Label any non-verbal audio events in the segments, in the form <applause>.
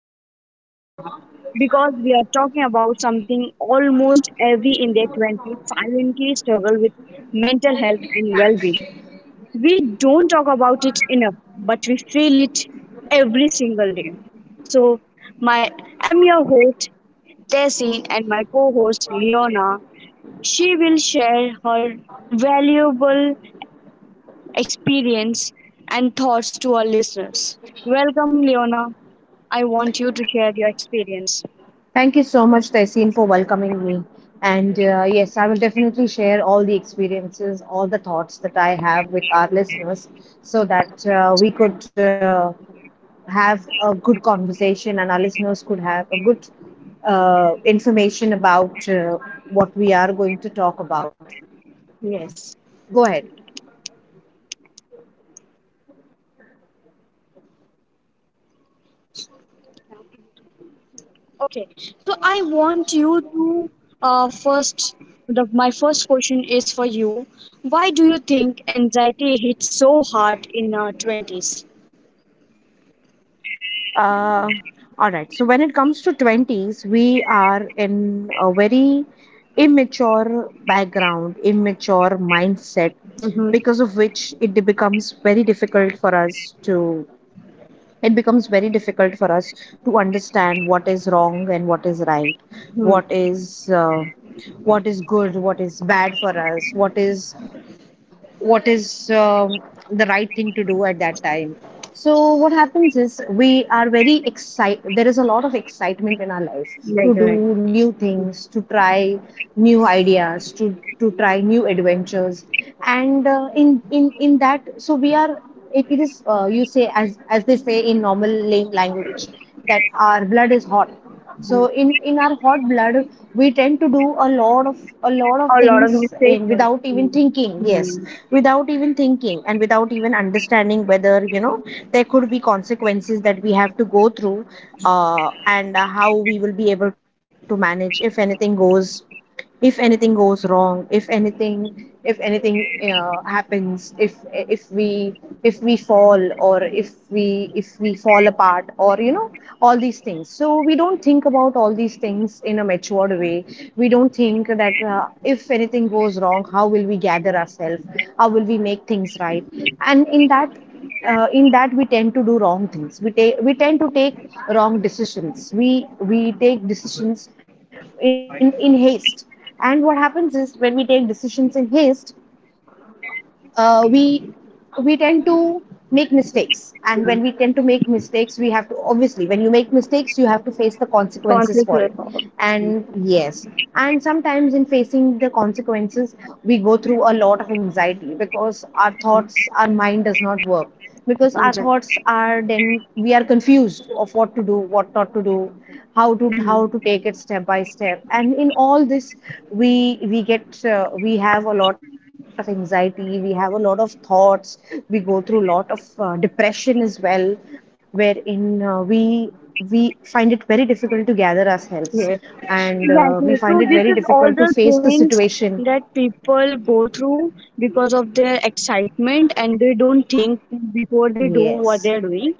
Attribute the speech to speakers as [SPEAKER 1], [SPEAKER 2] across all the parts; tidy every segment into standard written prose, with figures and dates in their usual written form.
[SPEAKER 1] very close to my heart because we are talking about something almost every in their 20s silently struggle with mental health and well being. We don't talk about it enough, but we feel it every single day. So, my I'm your host, Tessin, and my co host, Leona. She will share her valuable experience, and thoughts to our listeners. Welcome, Leona. I want you to share your experience.
[SPEAKER 2] Thank you so much, Taiseen, for welcoming me. And yes, I will definitely share all the experiences, all the thoughts that I have with our listeners so that we could have a good conversation and our listeners could have a good information about what we are going to talk about. Go ahead.
[SPEAKER 1] Yes. Okay, so I want you to first. My first question is for you. Why do you think anxiety hits so hard in our twenties?
[SPEAKER 2] Uh, all right. So when it comes to 20s, we are in a very immature background, immature mindset,
[SPEAKER 1] Mm-hmm.
[SPEAKER 2] because of which it becomes very difficult for us to understand what is wrong and what is right,
[SPEAKER 1] Hmm.
[SPEAKER 2] what is uh, what is good, what is bad for us, what is the right thing to do at that time. So what happens is we are very excited, there is a lot of excitement in our life
[SPEAKER 1] Right,
[SPEAKER 2] to do
[SPEAKER 1] right.
[SPEAKER 2] new things, to try new ideas, to try new adventures. And in that, so we are, it is, you say, as they say in normal language, that our blood is hot. So in our hot blood, we tend to do a lot of
[SPEAKER 1] A lot of
[SPEAKER 2] things,
[SPEAKER 1] mistakes.
[SPEAKER 2] without even
[SPEAKER 1] Hmm.
[SPEAKER 2] thinking. Yes,
[SPEAKER 1] Hmm.
[SPEAKER 2] without even thinking and without even understanding whether, there could be consequences that we have to go through. And how we will be able to manage if anything goes wrong, if anything, if anything happens, if we, if we fall, or if we fall apart, or all these things. So we don't think about all these things in a matured way. We don't think that, if anything goes wrong, how will we gather ourselves, how will we make things right. And in that, we tend to do wrong things, we tend to take wrong decisions. We take decisions in haste. And what happens is when we take decisions in haste, uh, we we tend to make mistakes. And when we tend to make mistakes, we have to obviously when you make mistakes you have to face the consequences
[SPEAKER 1] Conflict
[SPEAKER 2] for
[SPEAKER 1] with
[SPEAKER 2] it.
[SPEAKER 1] our.
[SPEAKER 2] And yes, and sometimes in facing the consequences, we go through a lot of anxiety because our thoughts, our mind does not work, because our thoughts
[SPEAKER 1] Anxiety.
[SPEAKER 2] are then, we are confused of what to do, what not to do, how to take it step by step. And in all this, we we get, we have a lot of anxiety, we have a lot of thoughts, we go through a lot of depression as well, wherein, we find it very difficult to gather ourselves.
[SPEAKER 1] Yes,
[SPEAKER 2] And we find it
[SPEAKER 1] exactly.
[SPEAKER 2] very
[SPEAKER 1] So this
[SPEAKER 2] difficult to
[SPEAKER 1] is
[SPEAKER 2] face
[SPEAKER 1] all
[SPEAKER 2] the
[SPEAKER 1] the
[SPEAKER 2] situation.
[SPEAKER 1] things that people go through because of their excitement, and they don't think before they do
[SPEAKER 2] Yes,
[SPEAKER 1] what they are doing,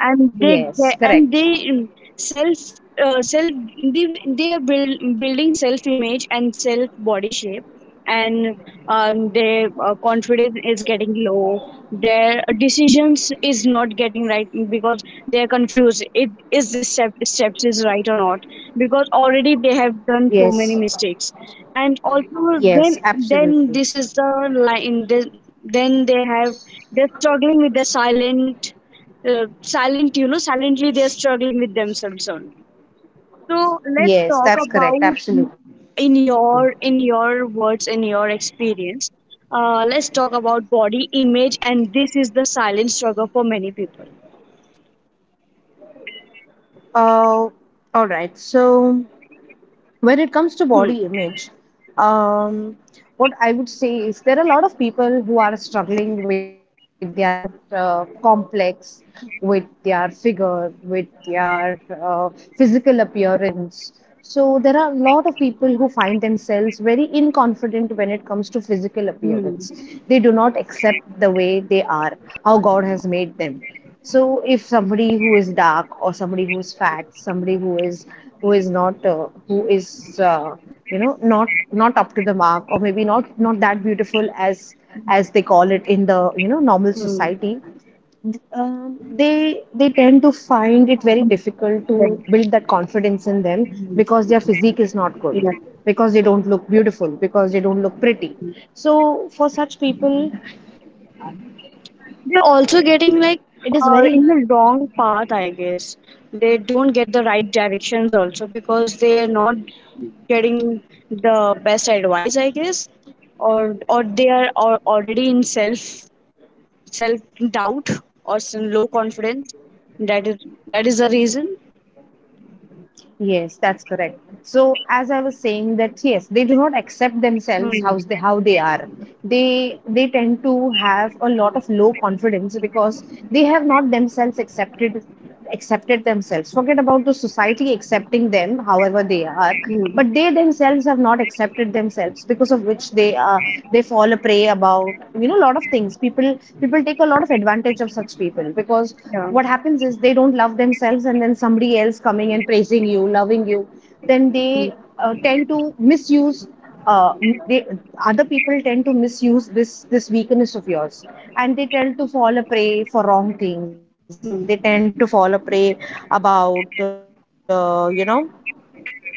[SPEAKER 2] yes, correct.
[SPEAKER 1] and they self self they are building self image and self body shape, and their confidence is getting low. Their decisions is not getting right because they're confused it is this steps is right or not because already they have done so
[SPEAKER 2] Yes,
[SPEAKER 1] many mistakes. And also
[SPEAKER 2] yes,
[SPEAKER 1] then,
[SPEAKER 2] absolutely.
[SPEAKER 1] this is the line. Then then they have they're struggling with the silently they're struggling with themselves only. So let's
[SPEAKER 2] Yes,
[SPEAKER 1] talk
[SPEAKER 2] that's correct.
[SPEAKER 1] about,
[SPEAKER 2] Absolutely.
[SPEAKER 1] in your words, in your experience. Let's talk about body image, and this is the silent struggle for many people.
[SPEAKER 2] Uh, all right. So, when it comes to
[SPEAKER 1] Hmm.
[SPEAKER 2] body image, um, what I would say is there are a lot of people who are struggling with their, complex, with their figure, with their physical appearance. So there are a lot of people who find themselves very inconfident when it comes to physical appearance.
[SPEAKER 1] Hmm.
[SPEAKER 2] They do not accept the way they are, how God has made them. So if somebody who is dark, or somebody who is fat, somebody who is not, who is not up to the mark, or maybe not that beautiful, as they call it in the, normal
[SPEAKER 1] Hmm.
[SPEAKER 2] society. They tend to find it very difficult
[SPEAKER 1] Yeah.
[SPEAKER 2] to build that confidence in them, because their physique is not good,
[SPEAKER 1] Yeah.
[SPEAKER 2] because they don't look beautiful, because they don't look pretty. So for such people,
[SPEAKER 1] They're also getting like,
[SPEAKER 2] it is
[SPEAKER 1] in
[SPEAKER 2] very.
[SPEAKER 1] the wrong path, I guess. They don't get the right directions also because they're not getting the best advice, I guess, or they are, or already in self doubt or some low confidence. That is that is the reason.
[SPEAKER 2] Yes, that's correct. So, as I was saying, that yes, they do not accept themselves,
[SPEAKER 1] Hmm.
[SPEAKER 2] how they are. They tend to have a lot of low confidence, because they have not themselves accepted themselves. Forget about the society accepting them, however they are.
[SPEAKER 1] Hmm.
[SPEAKER 2] But they themselves have not accepted themselves, because of which they fall a prey about, a lot of things. People take a lot of advantage of such people, because
[SPEAKER 1] Yeah.
[SPEAKER 2] what happens is they don't love themselves, and then somebody else coming and praising you, loving you, then they tend to misuse uh, they, other people tend to misuse this weakness of yours. And they tend to fall a prey for wrong things, they tend to
[SPEAKER 1] Hmm.
[SPEAKER 2] fall a prey about uh, you know about,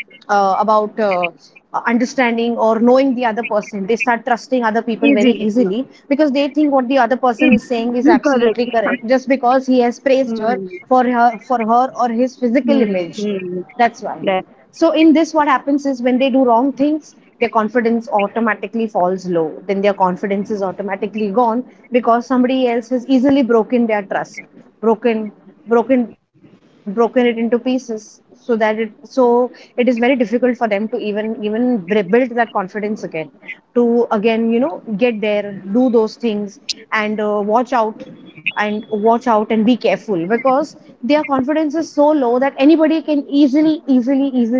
[SPEAKER 2] understanding or knowing the other person. They start trusting other people very easily,
[SPEAKER 1] Easily.
[SPEAKER 2] because they
[SPEAKER 1] Yeah.
[SPEAKER 2] think what the other person is saying is absolutely
[SPEAKER 1] It <laughs>
[SPEAKER 2] correct,
[SPEAKER 1] correct. <laughs>
[SPEAKER 2] just because he has praised her
[SPEAKER 1] Hmm.
[SPEAKER 2] for her for her or his physical image.
[SPEAKER 1] Hmm. Hmm.
[SPEAKER 2] That's why.
[SPEAKER 1] That.
[SPEAKER 2] So in this, what happens is when they do wrong things, their confidence automatically falls low. Then their confidence is automatically gone, because somebody else has easily broken their trust, broken broken it into pieces. So that it so it is very difficult for them to even build that confidence again, to again, get there, do those things. And watch out and be careful, because their confidence is so low that anybody can easily, easily, easily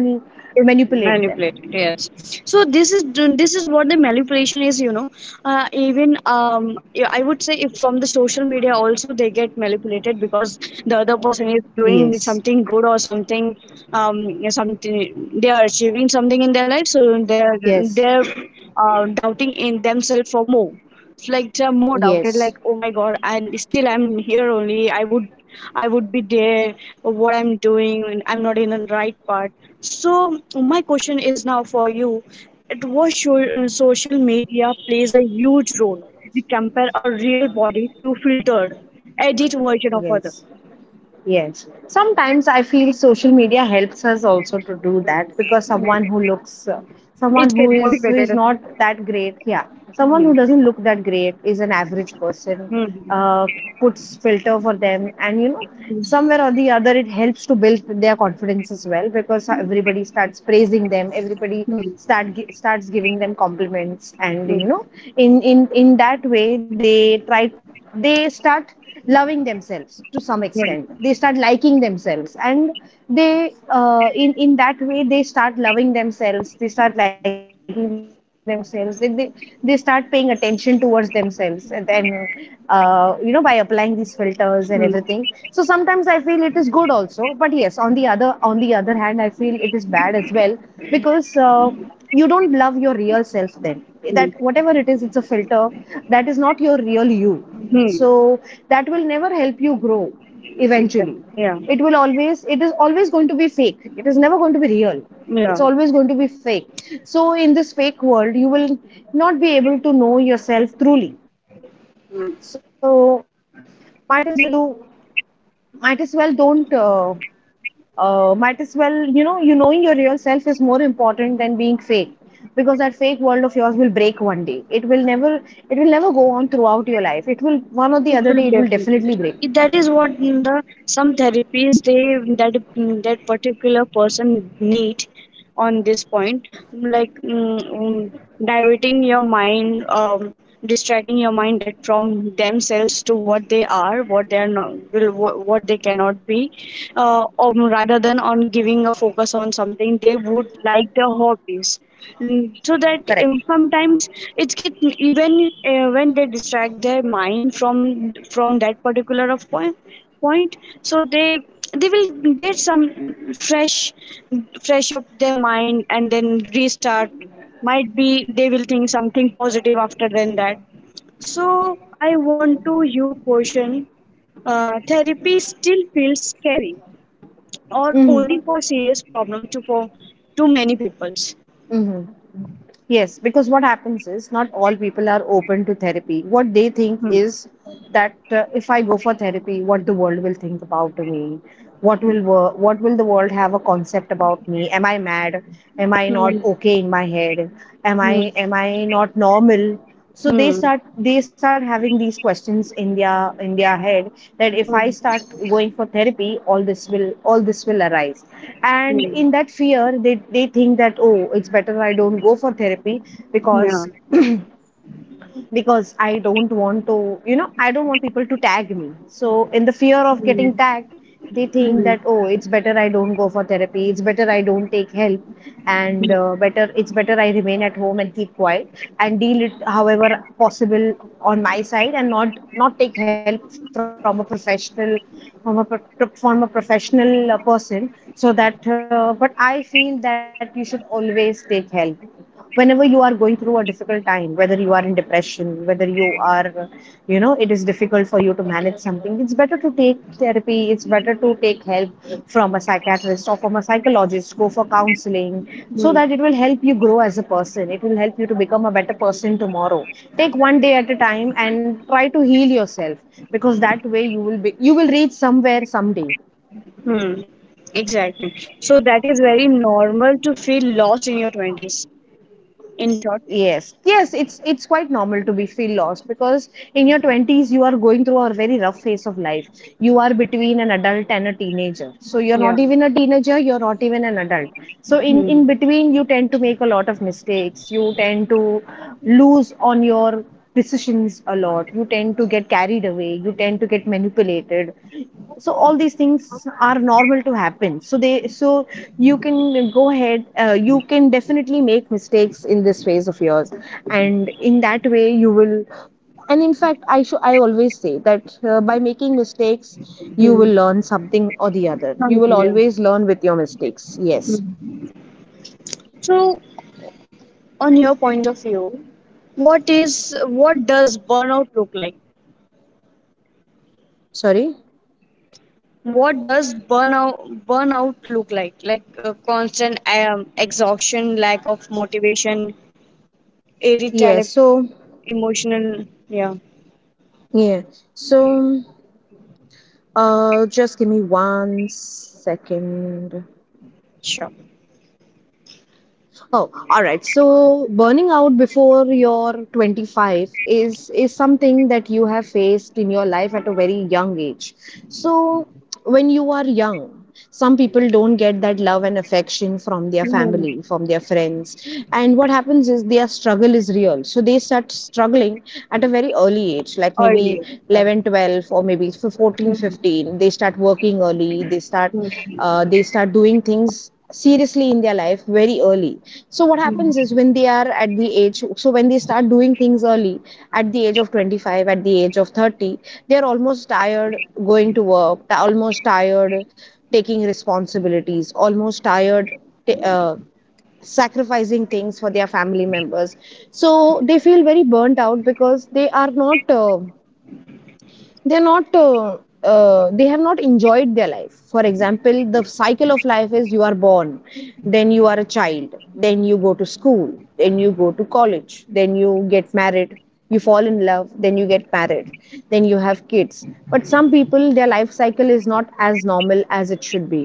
[SPEAKER 1] Yes,
[SPEAKER 2] manipulate them.
[SPEAKER 1] manipulated, yes. So this is what the manipulation is. Even yeah, I would say if from the social media also they get manipulated because the other person is
[SPEAKER 2] Yes,
[SPEAKER 1] doing something good or something, yeah, something they are achieving, something in their life, so they're
[SPEAKER 2] yes,
[SPEAKER 1] they're doubting in themselves for more. It's like the more doubted,
[SPEAKER 2] yes,
[SPEAKER 1] like, oh my God, and still I'm here only. I would be there. What I'm doing, I'm not in the right part. So my question is now for you. At what social media plays a huge role. We compare a real body to filtered edit version of other.
[SPEAKER 2] yes. Yes. Sometimes I feel social media helps us also to do that, because
[SPEAKER 1] Yeah. It
[SPEAKER 2] someone
[SPEAKER 1] get
[SPEAKER 2] who is
[SPEAKER 1] motivated.
[SPEAKER 2] not that great, yeah, someone
[SPEAKER 1] Hmm.
[SPEAKER 2] who doesn't look that great, is an average person.
[SPEAKER 1] Hmm.
[SPEAKER 2] Uh, Puts filter for them, and you know, somewhere or the other, it helps to build their confidence as well, because everybody starts praising them, everybody
[SPEAKER 1] Hmm.
[SPEAKER 2] starts giving them compliments, and you
[SPEAKER 1] Hmm.
[SPEAKER 2] know, in that way, they start loving themselves to some extent,
[SPEAKER 1] Hmm.
[SPEAKER 2] they start liking themselves. And they in that way they start loving themselves, they start liking themselves, they start paying attention towards themselves. And then, you know, by applying these filters and everything, so
[SPEAKER 1] Hmm.
[SPEAKER 2] sometimes I feel it is good also, but yes, on the other, hand, I feel it is bad as well. Because, you don't love your real self, then that
[SPEAKER 1] Hmm.
[SPEAKER 2] whatever it is, it's a filter, that is not your real you. So
[SPEAKER 1] Hmm.
[SPEAKER 2] that will never help you grow, eventually.
[SPEAKER 1] Yeah.
[SPEAKER 2] It is always going to be fake, it is never going to be real,
[SPEAKER 1] Yeah.
[SPEAKER 2] it's always going to be fake. So in this fake world, you will not be able to know yourself truly. So, might as well you might as well don't, might as well you knowing your real self is more important than being fake. Because that fake world of yours will break one day, it will never, go on throughout your life, it will one or the other day, it will definitely
[SPEAKER 1] It
[SPEAKER 2] break.
[SPEAKER 1] will give you. If that is what the some therapies they, that that particular person need on this point, like diverting your mind, distracting your mind that from themselves to what they are, what they are not will, what they cannot be, or rather than on giving a focus on something they would like, their hobbies. Mm, so
[SPEAKER 2] Correct.
[SPEAKER 1] that, sometimes it get even, when they distract their mind from that particular of point. So they will get some fresh fresh up their mind and then restart, might be they will think something positive after then that. So I want to you question, therapy still feels scary or
[SPEAKER 2] Hmm.
[SPEAKER 1] only for serious problem to for, to many peoples.
[SPEAKER 2] Hmm. Yes, because what happens is not all people are open to therapy. What they think
[SPEAKER 1] Hmm.
[SPEAKER 2] is that, if I go for therapy, what the world will think about me, what will the world have a concept about me? Am I mad? Am I
[SPEAKER 1] Hmm.
[SPEAKER 2] not okay in my head? Am I
[SPEAKER 1] Hmm.
[SPEAKER 2] am I not normal? So
[SPEAKER 1] Hmm.
[SPEAKER 2] they start having these questions in their head, that if I
[SPEAKER 1] Hmm.
[SPEAKER 2] start going for therapy, all this will arise. And
[SPEAKER 1] Hmm.
[SPEAKER 2] in that fear, they think that, oh, it's better I don't go for therapy, because
[SPEAKER 1] Yeah.
[SPEAKER 2] because I don't want to, you know, I don't want people to tag me. So, in the fear of getting tagged, they think
[SPEAKER 1] Hmm.
[SPEAKER 2] that, oh, it's better I don't go for therapy, it's better I don't take help, and better it's better I remain at home and keep quiet and deal it however possible on my side, and not take help from a professional, from a professional person, so that, but I feel that you should always take help whenever you are going through a difficult time, whether you are in depression, whether you are, it is difficult for you to manage something, it's better to take therapy, it's better to take help from a psychiatrist or from a psychologist. Go for counseling, so
[SPEAKER 1] Hmm.
[SPEAKER 2] that it will help you grow as a person, it will help you to become a better person tomorrow. Take one day at a time and try to heal yourself, because that way you will reach somewhere someday.
[SPEAKER 1] Hmm. Exactly. So that is very normal to feel lost in your 20s. In short.
[SPEAKER 2] Yes, yes, it's quite normal to be feel lost, because in your 20s you are going through a very rough phase of life. You are between an adult and a teenager. So you're
[SPEAKER 1] Yeah.
[SPEAKER 2] not even a teenager, you're not even an adult. So in
[SPEAKER 1] Hmm.
[SPEAKER 2] in between you tend to make a lot of mistakes. You tend to lose on your decisions a lot, you tend to get carried away, you tend to get manipulated, so all these things are normal to happen. So you can go ahead, you can definitely make mistakes in this phase of yours, and in that way you will and in fact I always say that by making mistakes you
[SPEAKER 1] Hmm.
[SPEAKER 2] will learn something or the other. You will
[SPEAKER 1] Something, yeah.
[SPEAKER 2] always learn with your mistakes, yes.
[SPEAKER 1] Hmm. So, on your point of view, what does burnout look like?
[SPEAKER 2] Sorry.
[SPEAKER 1] What does burnout look like? Like, constant, exhaustion, lack of motivation,
[SPEAKER 2] Yes.
[SPEAKER 1] irritability, emotional, yeah.
[SPEAKER 2] Yeah so just give me 1 second.
[SPEAKER 1] Sure.
[SPEAKER 2] Oh, all right. So burning out before you're 25 is something that you have faced in your life at a very young age. So when you are young, some people don't get that love and affection from their
[SPEAKER 1] Hmm.
[SPEAKER 2] family, from their friends. And what happens is their struggle is real. So they start struggling at a very early age, like maybe
[SPEAKER 1] Earlier, yeah.
[SPEAKER 2] 11, 12, or maybe 14,
[SPEAKER 1] Hmm.
[SPEAKER 2] 15. They start working early,
[SPEAKER 1] Hmm.
[SPEAKER 2] they start doing things seriously in their life very early. So what happens is when they are at the age, so when they start doing things early, at the age of 25, at the age of 30, they are almost tired going to work, almost tired taking responsibilities, almost tired, uh, sacrificing things for their family members. So they feel very burnt out because they are not they're not they have not enjoyed their life. For example, the cycle of life is you are born, then you are a child, then you go to school, then you go to college, then you get married, you fall in love, then you get married, then you have kids. But some people, their life cycle is not as normal as it should be.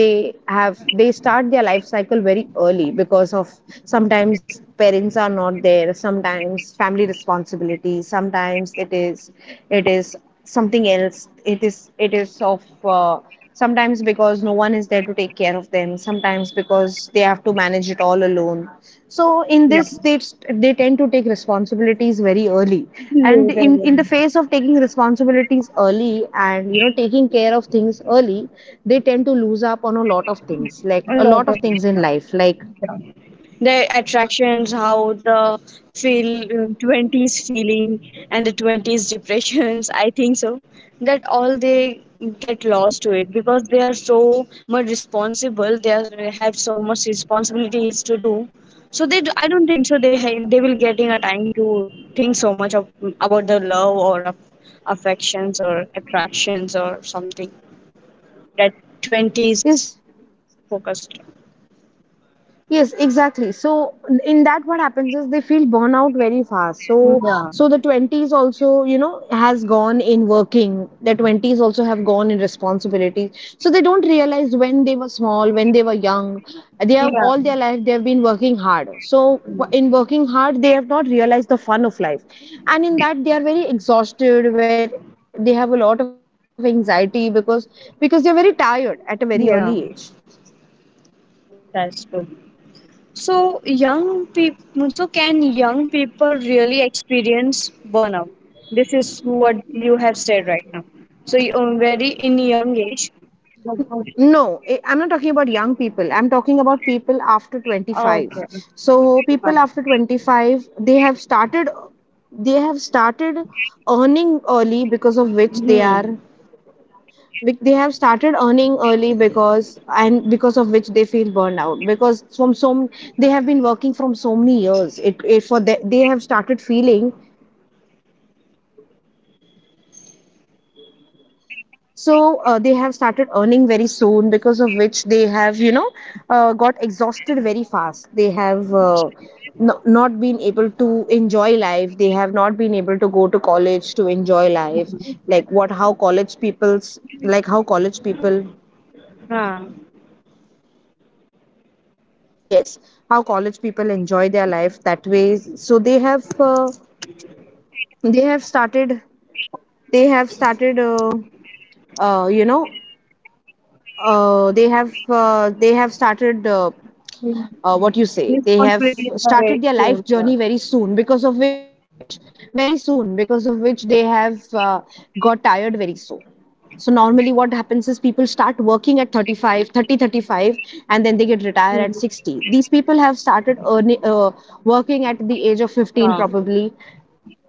[SPEAKER 2] They have they start their life cycle very early because of, sometimes parents are not there, sometimes family responsibility, sometimes it is something else, it is of sometimes because no one is there to take care of them, sometimes because they have to manage it all alone. So in this they tend to take responsibilities very early, and
[SPEAKER 1] Later,
[SPEAKER 2] in the
[SPEAKER 1] yeah.
[SPEAKER 2] face of taking responsibilities early and, you know, taking care of things early, they tend to lose up on a lot of things, like
[SPEAKER 1] A
[SPEAKER 2] a
[SPEAKER 1] lot
[SPEAKER 2] lot of
[SPEAKER 1] of
[SPEAKER 2] things
[SPEAKER 1] it,
[SPEAKER 2] in
[SPEAKER 1] yeah.
[SPEAKER 2] life, like
[SPEAKER 1] The attractions, how the feel 20s feeling, and the 20s depressions, <laughs> I think so that all they get lost to it because they are so much responsible, they have so much responsibilities to do. So they do, I don't think so. They they will getting a time to think so much of, about the love, or of affections or attractions or something, that
[SPEAKER 2] is.
[SPEAKER 1] 20s focused.
[SPEAKER 2] Yes, exactly. So in that, what happens is they feel burnout very fast. So
[SPEAKER 1] Yeah,
[SPEAKER 2] so the 20s also, you know, has gone in working. The 20s also have gone in responsibilities. So they don't realize, when they were small, when they were young, they have
[SPEAKER 1] yeah.
[SPEAKER 2] all their life they have been working hard. So in working hard, they have not realized the fun of life, and in that they are very exhausted, where they have a lot of anxiety because they are very tired at a very
[SPEAKER 1] Yeah,
[SPEAKER 2] early age.
[SPEAKER 1] that's good. So young people, can young people really experience burnout? This is what you have said right now. So you are very in young age. Okay.
[SPEAKER 2] No, I'm not talking about young people. I'm talking about people after 25. So people after 25, they have started earning early, because of which they are,
[SPEAKER 1] Hmm.
[SPEAKER 2] they have started earning early because, and because of which they feel burned out because from they have been working from so many years. They have started feeling. So they have started earning very soon, because of which they have, you know, got exhausted very fast. They have no, not been able to enjoy life. They have not been able to go to college to enjoy life. Like what, how college people's, like how college people,
[SPEAKER 1] Huh.
[SPEAKER 2] yes, how college people enjoy their life that way. So they have started, they have started, you know, they have started. What you say they have
[SPEAKER 1] Responsibilities are very
[SPEAKER 2] started their
[SPEAKER 1] soon.
[SPEAKER 2] life
[SPEAKER 1] Yeah.
[SPEAKER 2] journey very soon, because of which, very soon, because of which they have got tired very soon. So normally what happens is people start working at 35, and then they get retired at 60. These people have started earning, working at the age of 15
[SPEAKER 1] Huh.
[SPEAKER 2] probably,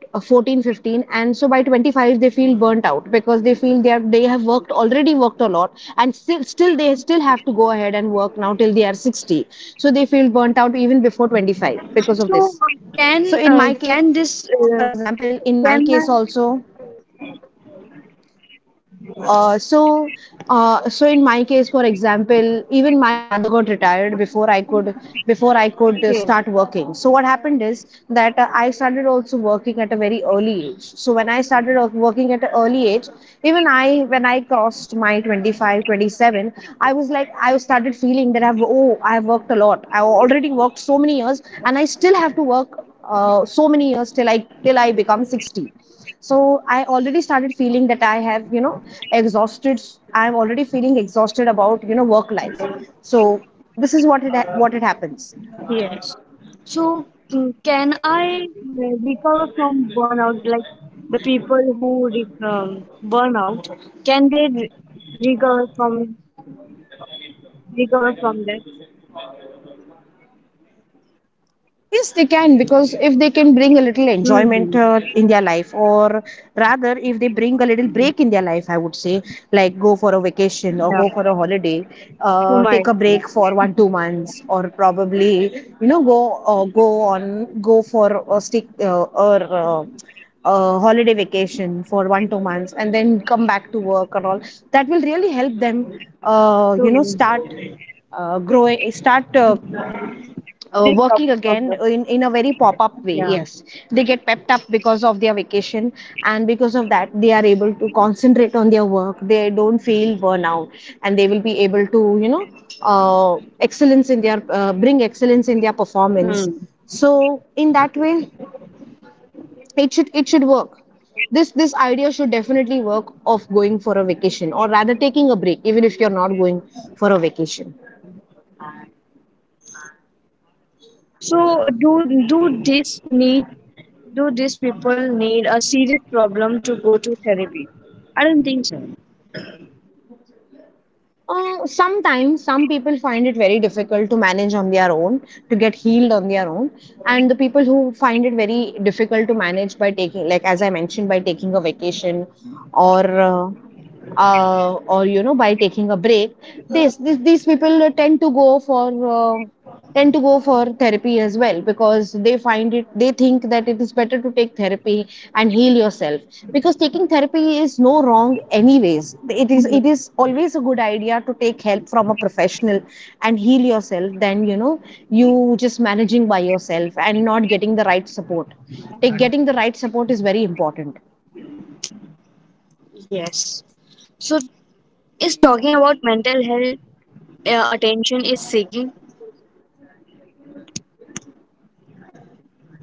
[SPEAKER 2] 14, 15, and so by 25 they feel burnt out because they feel they are they have worked already worked a lot, and still still they still have to go ahead and work now till they are 60. So they feel burnt out even before 25 because
[SPEAKER 1] So
[SPEAKER 2] of this.
[SPEAKER 1] can,
[SPEAKER 2] So in my
[SPEAKER 1] can
[SPEAKER 2] case
[SPEAKER 1] this,
[SPEAKER 2] for example in my
[SPEAKER 1] can
[SPEAKER 2] case also so, So in my case, for example, even my father got retired before I could,
[SPEAKER 1] okay.
[SPEAKER 2] start working. So what happened is that I started also working at a very early age. So when I started working at an early age, even I, when I crossed my 25, 27, I was like, I started feeling that I've, oh, I have worked a lot. I already worked so many years, and I still have to work so many years till I become 60. So I already started feeling that I have, you know, exhausted. I'm already feeling exhausted about, you know, work life. So this is what it happens.
[SPEAKER 1] Yes. So, mm, can I recover from burnout? Like, the people who burn out, can they recover from recover from that?
[SPEAKER 2] Yes, they can, because if they can bring a little
[SPEAKER 1] Hmm.
[SPEAKER 2] enjoyment in their life, or rather, if they bring a little break in their life, I would say, like go for a vacation or
[SPEAKER 1] Yeah.
[SPEAKER 2] go for a holiday,
[SPEAKER 1] Too much.
[SPEAKER 2] take a break for 1 2 months, or probably, you know, go go on go for a stick or a holiday vacation for 1 2 months, and then come back to work and all. That will really help them, you
[SPEAKER 1] Too
[SPEAKER 2] know, start
[SPEAKER 1] much.
[SPEAKER 2] growing, start.
[SPEAKER 1] Recover
[SPEAKER 2] Working
[SPEAKER 1] from
[SPEAKER 2] again
[SPEAKER 1] the.
[SPEAKER 2] in a very pop up way.
[SPEAKER 1] Yeah.
[SPEAKER 2] Yes, they get pepped up because of their vacation, and because of that, they are able to concentrate on their work. They don't feel burnout, and they will be able to, you know, excellence in their bring excellence in their
[SPEAKER 1] Hmm.
[SPEAKER 2] performance. So in that way, it should work. This idea should definitely work of going for a vacation, or rather taking a break, even if you're not going for a vacation.
[SPEAKER 1] So, do this need? Do these people need a serious problem to go to therapy? I don't think so.
[SPEAKER 2] Sometimes some people find it very difficult to manage on their own, to get healed on their own. And the people who find it very difficult to manage by taking, like as I mentioned, by taking a vacation, or uh, or you know by taking a break, this these people tend to go for tend to go for therapy as well, because they find it, they think that it is better to take therapy and heal yourself, because taking therapy is no wrong, anyways it is, it is always a good idea to take help from a professional and heal yourself than, you know, you just managing by yourself and not getting the right support. Take Getting the right support is very important.
[SPEAKER 1] Yes. So, is talking about mental health attention is seeking.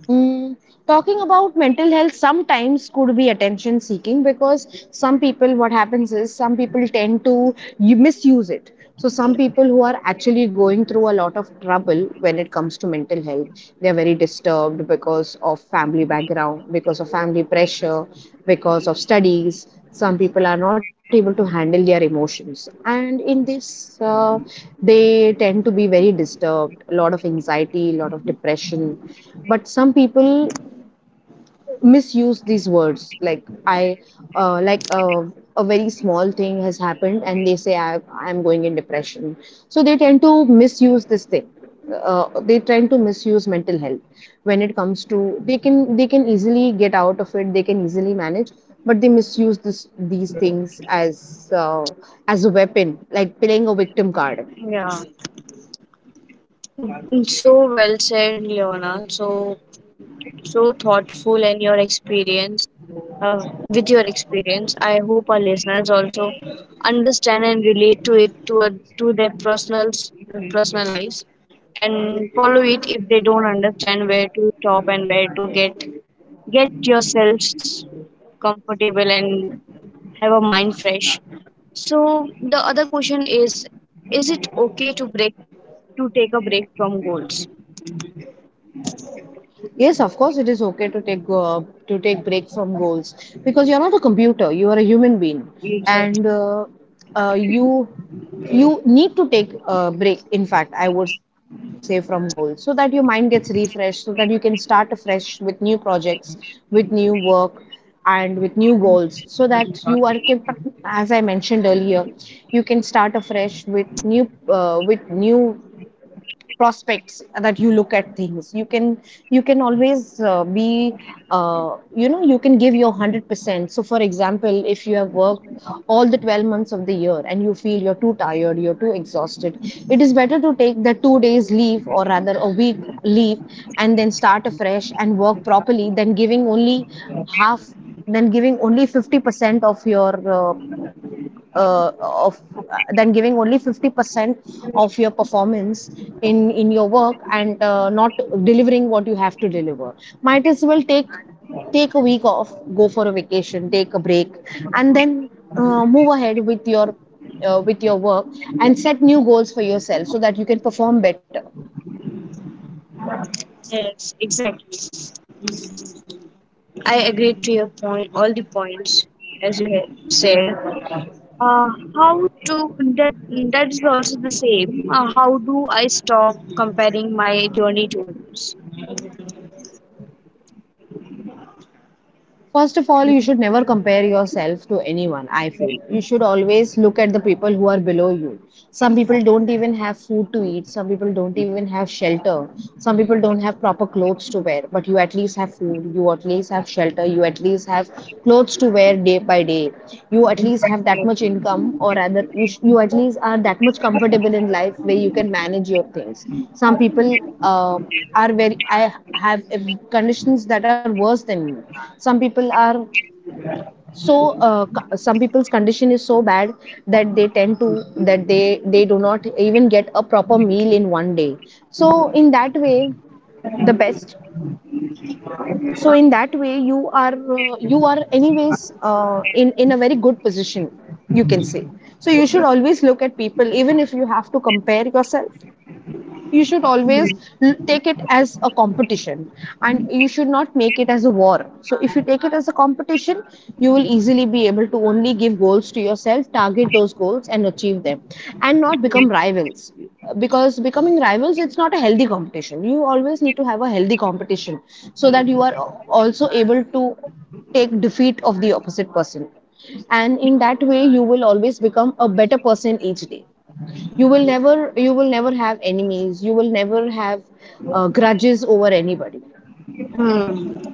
[SPEAKER 2] Mm, talking about mental health sometimes could be attention seeking, because some people, what happens is, some people tend to you misuse it. So some people who are actually going through a lot of trouble when it comes to mental health, they are very disturbed because of family background, because of family pressure, because of studies. Some people are not able to handle their emotions, and in this they tend to be very disturbed, a lot of anxiety, a lot of depression. But some people misuse these words, like a very small thing has happened and they say I'm going in depression. So they tend to misuse this thing. They tend to misuse mental health when it comes to, they can easily get out of it, they can easily manage, but they misuse this these things as, uh, as a weapon, like playing a victim card.
[SPEAKER 1] Yeah. Mm, so well said, Leona. So thoughtful, and your experience uh, with your experience I hope our listeners also understand and relate to it, to their personal lives and follow it if they don't understand where to stop and where to get yourselves comfortable and have a mind fresh. So the other question is it okay to take a break from goals?
[SPEAKER 2] Yes, of course, it is okay to take break from goals, because you're not a computer. You are a human being,
[SPEAKER 1] You said,
[SPEAKER 2] and uh, you you need to take a break. In fact, I would say from goals, so that your mind gets refreshed, so that you can start afresh with new projects, with new work, and with new goals. So that as I mentioned earlier, you can start afresh with new prospects that you look at things you can always be uh, you can give your 100%. So, for example, if you have worked all the 12 months of the year and you feel you're too tired, you're too exhausted, it is better to take the 2 days leave or rather a week leave and then start afresh and work properly than giving only half, than giving only 50% of your uh, of than giving only 50% of your performance in your work and not delivering what you have to deliver. Might as well take a week off, go for a vacation, take a break, and then move ahead with your work and set new goals for yourself so that you can perform better.
[SPEAKER 1] yes, exactly. I agree to your point, all the points, as you have said. Uh, how to that, that is also the same. How do I stop comparing my journey to others?
[SPEAKER 2] First of all, you should never compare yourself to anyone, I feel. You should always look at the people who are below you. Some people don't even have food to eat, some people don't even have shelter, some people don't have proper clothes to wear, but you at least have food, you at least have shelter, you at least have clothes to wear day by day. You at least have that much income, or rather you at least are that much comfortable in life where you can manage your things. Some people uh, are very I have conditions that are worse than me. some people are so some people's condition is so bad that they tend to that they do not even get a proper meal in one day. So in that way the best you are, you are anyways in a very good position, you can say. So you should always look at people. Even if you have to compare yourself, you should always take it as a competition, and you should not make it as a war. So if you take it as a competition, you will easily be able to only give goals to yourself, target those goals and achieve them, and not become rivals, because becoming rivals, it's not a healthy competition. You always need to have a healthy competition so that you are also able to take defeat of the opposite person, and in that way you will always become a better person each day. You will never, you will never have enemies, you will never have grudges over anybody.
[SPEAKER 1] Hmm.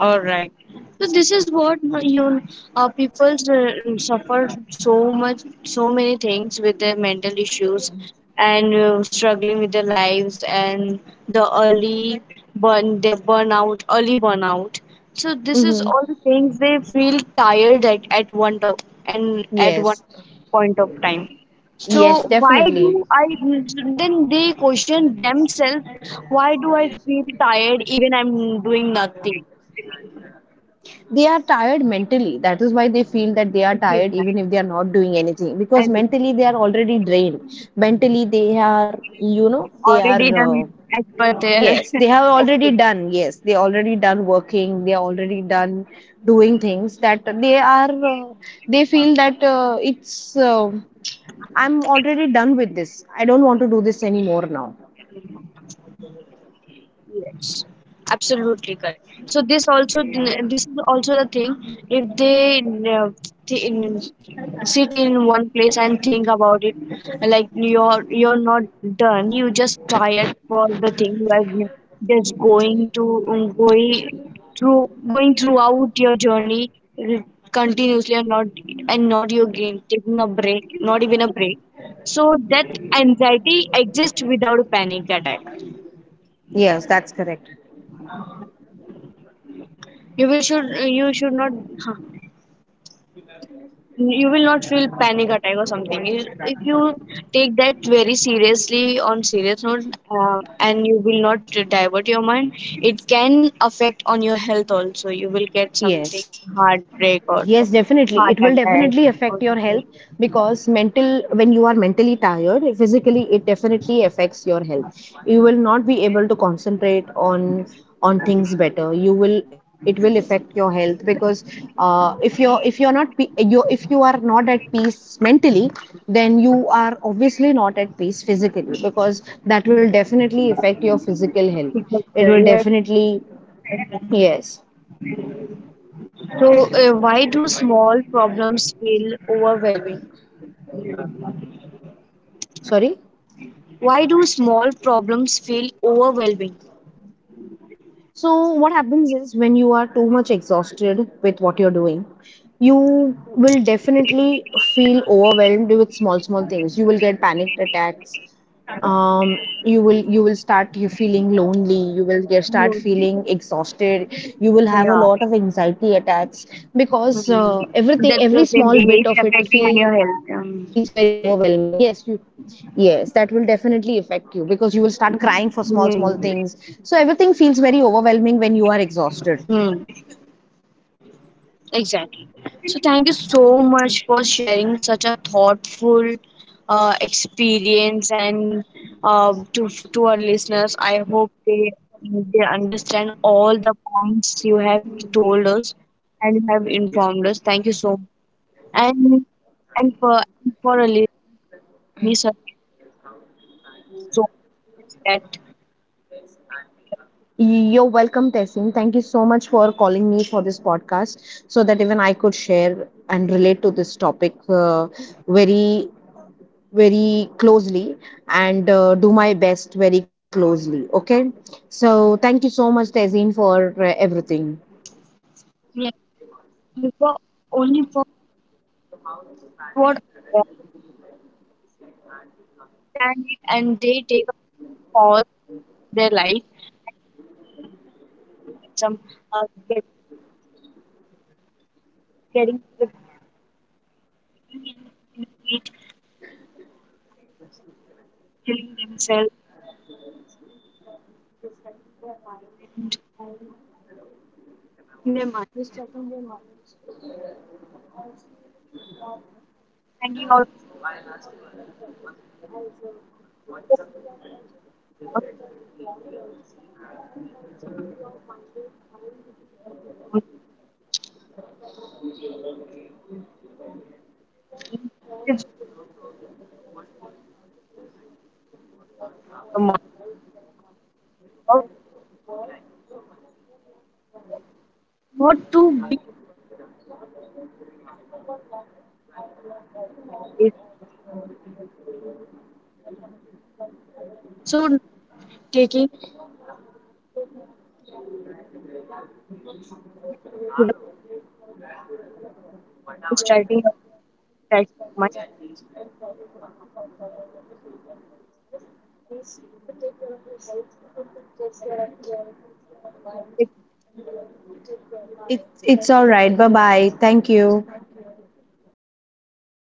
[SPEAKER 1] All right. So this is what, you, people suffer so much, so many things with their mental issues, and struggling with their lives, and the their burnout, early burnout. So this is
[SPEAKER 2] Mm-hmm.
[SPEAKER 1] all the things they feel tired at, one top, and at one
[SPEAKER 2] Yes.
[SPEAKER 1] point of time.
[SPEAKER 2] Yes,
[SPEAKER 1] So why
[SPEAKER 2] definitely.
[SPEAKER 1] do I then, they question themselves? Why do I feel tired even I'm doing nothing?
[SPEAKER 2] They are tired mentally, that is why they feel that they are
[SPEAKER 1] It feels
[SPEAKER 2] tired
[SPEAKER 1] like,
[SPEAKER 2] even if they are not doing anything, because
[SPEAKER 1] and it's
[SPEAKER 2] mentally they are already drained. Mentally, they are, you know, they are,
[SPEAKER 1] already done as per their.
[SPEAKER 2] yes, they have
[SPEAKER 1] <laughs>
[SPEAKER 2] already done. Yes, they already done working, they are already done doing things that they are they feel that it's I'm already done with this. I don't want to do this anymore now.
[SPEAKER 1] Yes, absolutely correct. This is also the thing. If they, uh, th- in, sit in one place and think about it, like you're not done. You just tired for the thing you are just going throughout your journey continuously, and not you again taking a break, not even a break. So that anxiety exists without a panic attack.
[SPEAKER 2] Yes, that's correct.
[SPEAKER 1] you will should you should not, huh, you will not feel panic attack or something. If you take that very seriously, on serious note, and you will not divert your mind, it can affect on your health also, you will get something,
[SPEAKER 2] Yes,
[SPEAKER 1] heartbreak or
[SPEAKER 2] yes,
[SPEAKER 1] some
[SPEAKER 2] definitely.
[SPEAKER 1] heart
[SPEAKER 2] It will
[SPEAKER 1] attack
[SPEAKER 2] definitely
[SPEAKER 1] or
[SPEAKER 2] affect your health because mental, when you are mentally tired, physically, it definitely affects your health. You will not be able to concentrate on things better. You will, it will affect your health because if you're not pe- you if you are not at peace mentally, then you are obviously not at peace physically, because that will definitely affect your physical health. It will
[SPEAKER 1] something, yes.
[SPEAKER 2] definitely, yes.
[SPEAKER 1] So,
[SPEAKER 2] Sorry.
[SPEAKER 1] why do small problems feel overwhelming?
[SPEAKER 2] So, what happens is when you are too much exhausted with what you're doing, you will definitely feel overwhelmed with small, small things. You will get panicked attacks. You will, you will start you feeling lonely, you will get start
[SPEAKER 1] You-
[SPEAKER 2] feeling exhausted, you will have a
[SPEAKER 1] yeah.
[SPEAKER 2] lot of anxiety attacks, because
[SPEAKER 1] Mm.
[SPEAKER 2] everything,
[SPEAKER 1] That's the
[SPEAKER 2] every
[SPEAKER 1] same
[SPEAKER 2] small
[SPEAKER 1] thing.
[SPEAKER 2] bit
[SPEAKER 1] It's
[SPEAKER 2] of it
[SPEAKER 1] affecting
[SPEAKER 2] feels
[SPEAKER 1] your
[SPEAKER 2] very
[SPEAKER 1] health.
[SPEAKER 2] overwhelming. Yes, you. Yes, that will definitely affect you because you will start crying for small, small things. So
[SPEAKER 1] Mm.
[SPEAKER 2] everything feels very overwhelming when you are exhausted.
[SPEAKER 1] Hmm, exactly. So thank you so much for sharing such a thoughtful experience and to our listeners. I hope they understand all the points you have told us and you have informed us. Thank you so much. And and for a listener, so much that,
[SPEAKER 2] You're welcome, Tessin. Thank you so much for calling me for this podcast so that even I could share and relate to this topic, very very closely, and do my best very closely. Okay. So thank you so much, Tezin, for everything.
[SPEAKER 1] yeah, for, only for what understand it, and they take a pause in their life. Some uh, get, getting the being, in, in each, killing themselves and their mind,
[SPEAKER 2] It's
[SPEAKER 1] and you also the mind out, not to be it. So taking to the studying of that mind.
[SPEAKER 2] it's all right. Bye bye. Thank you.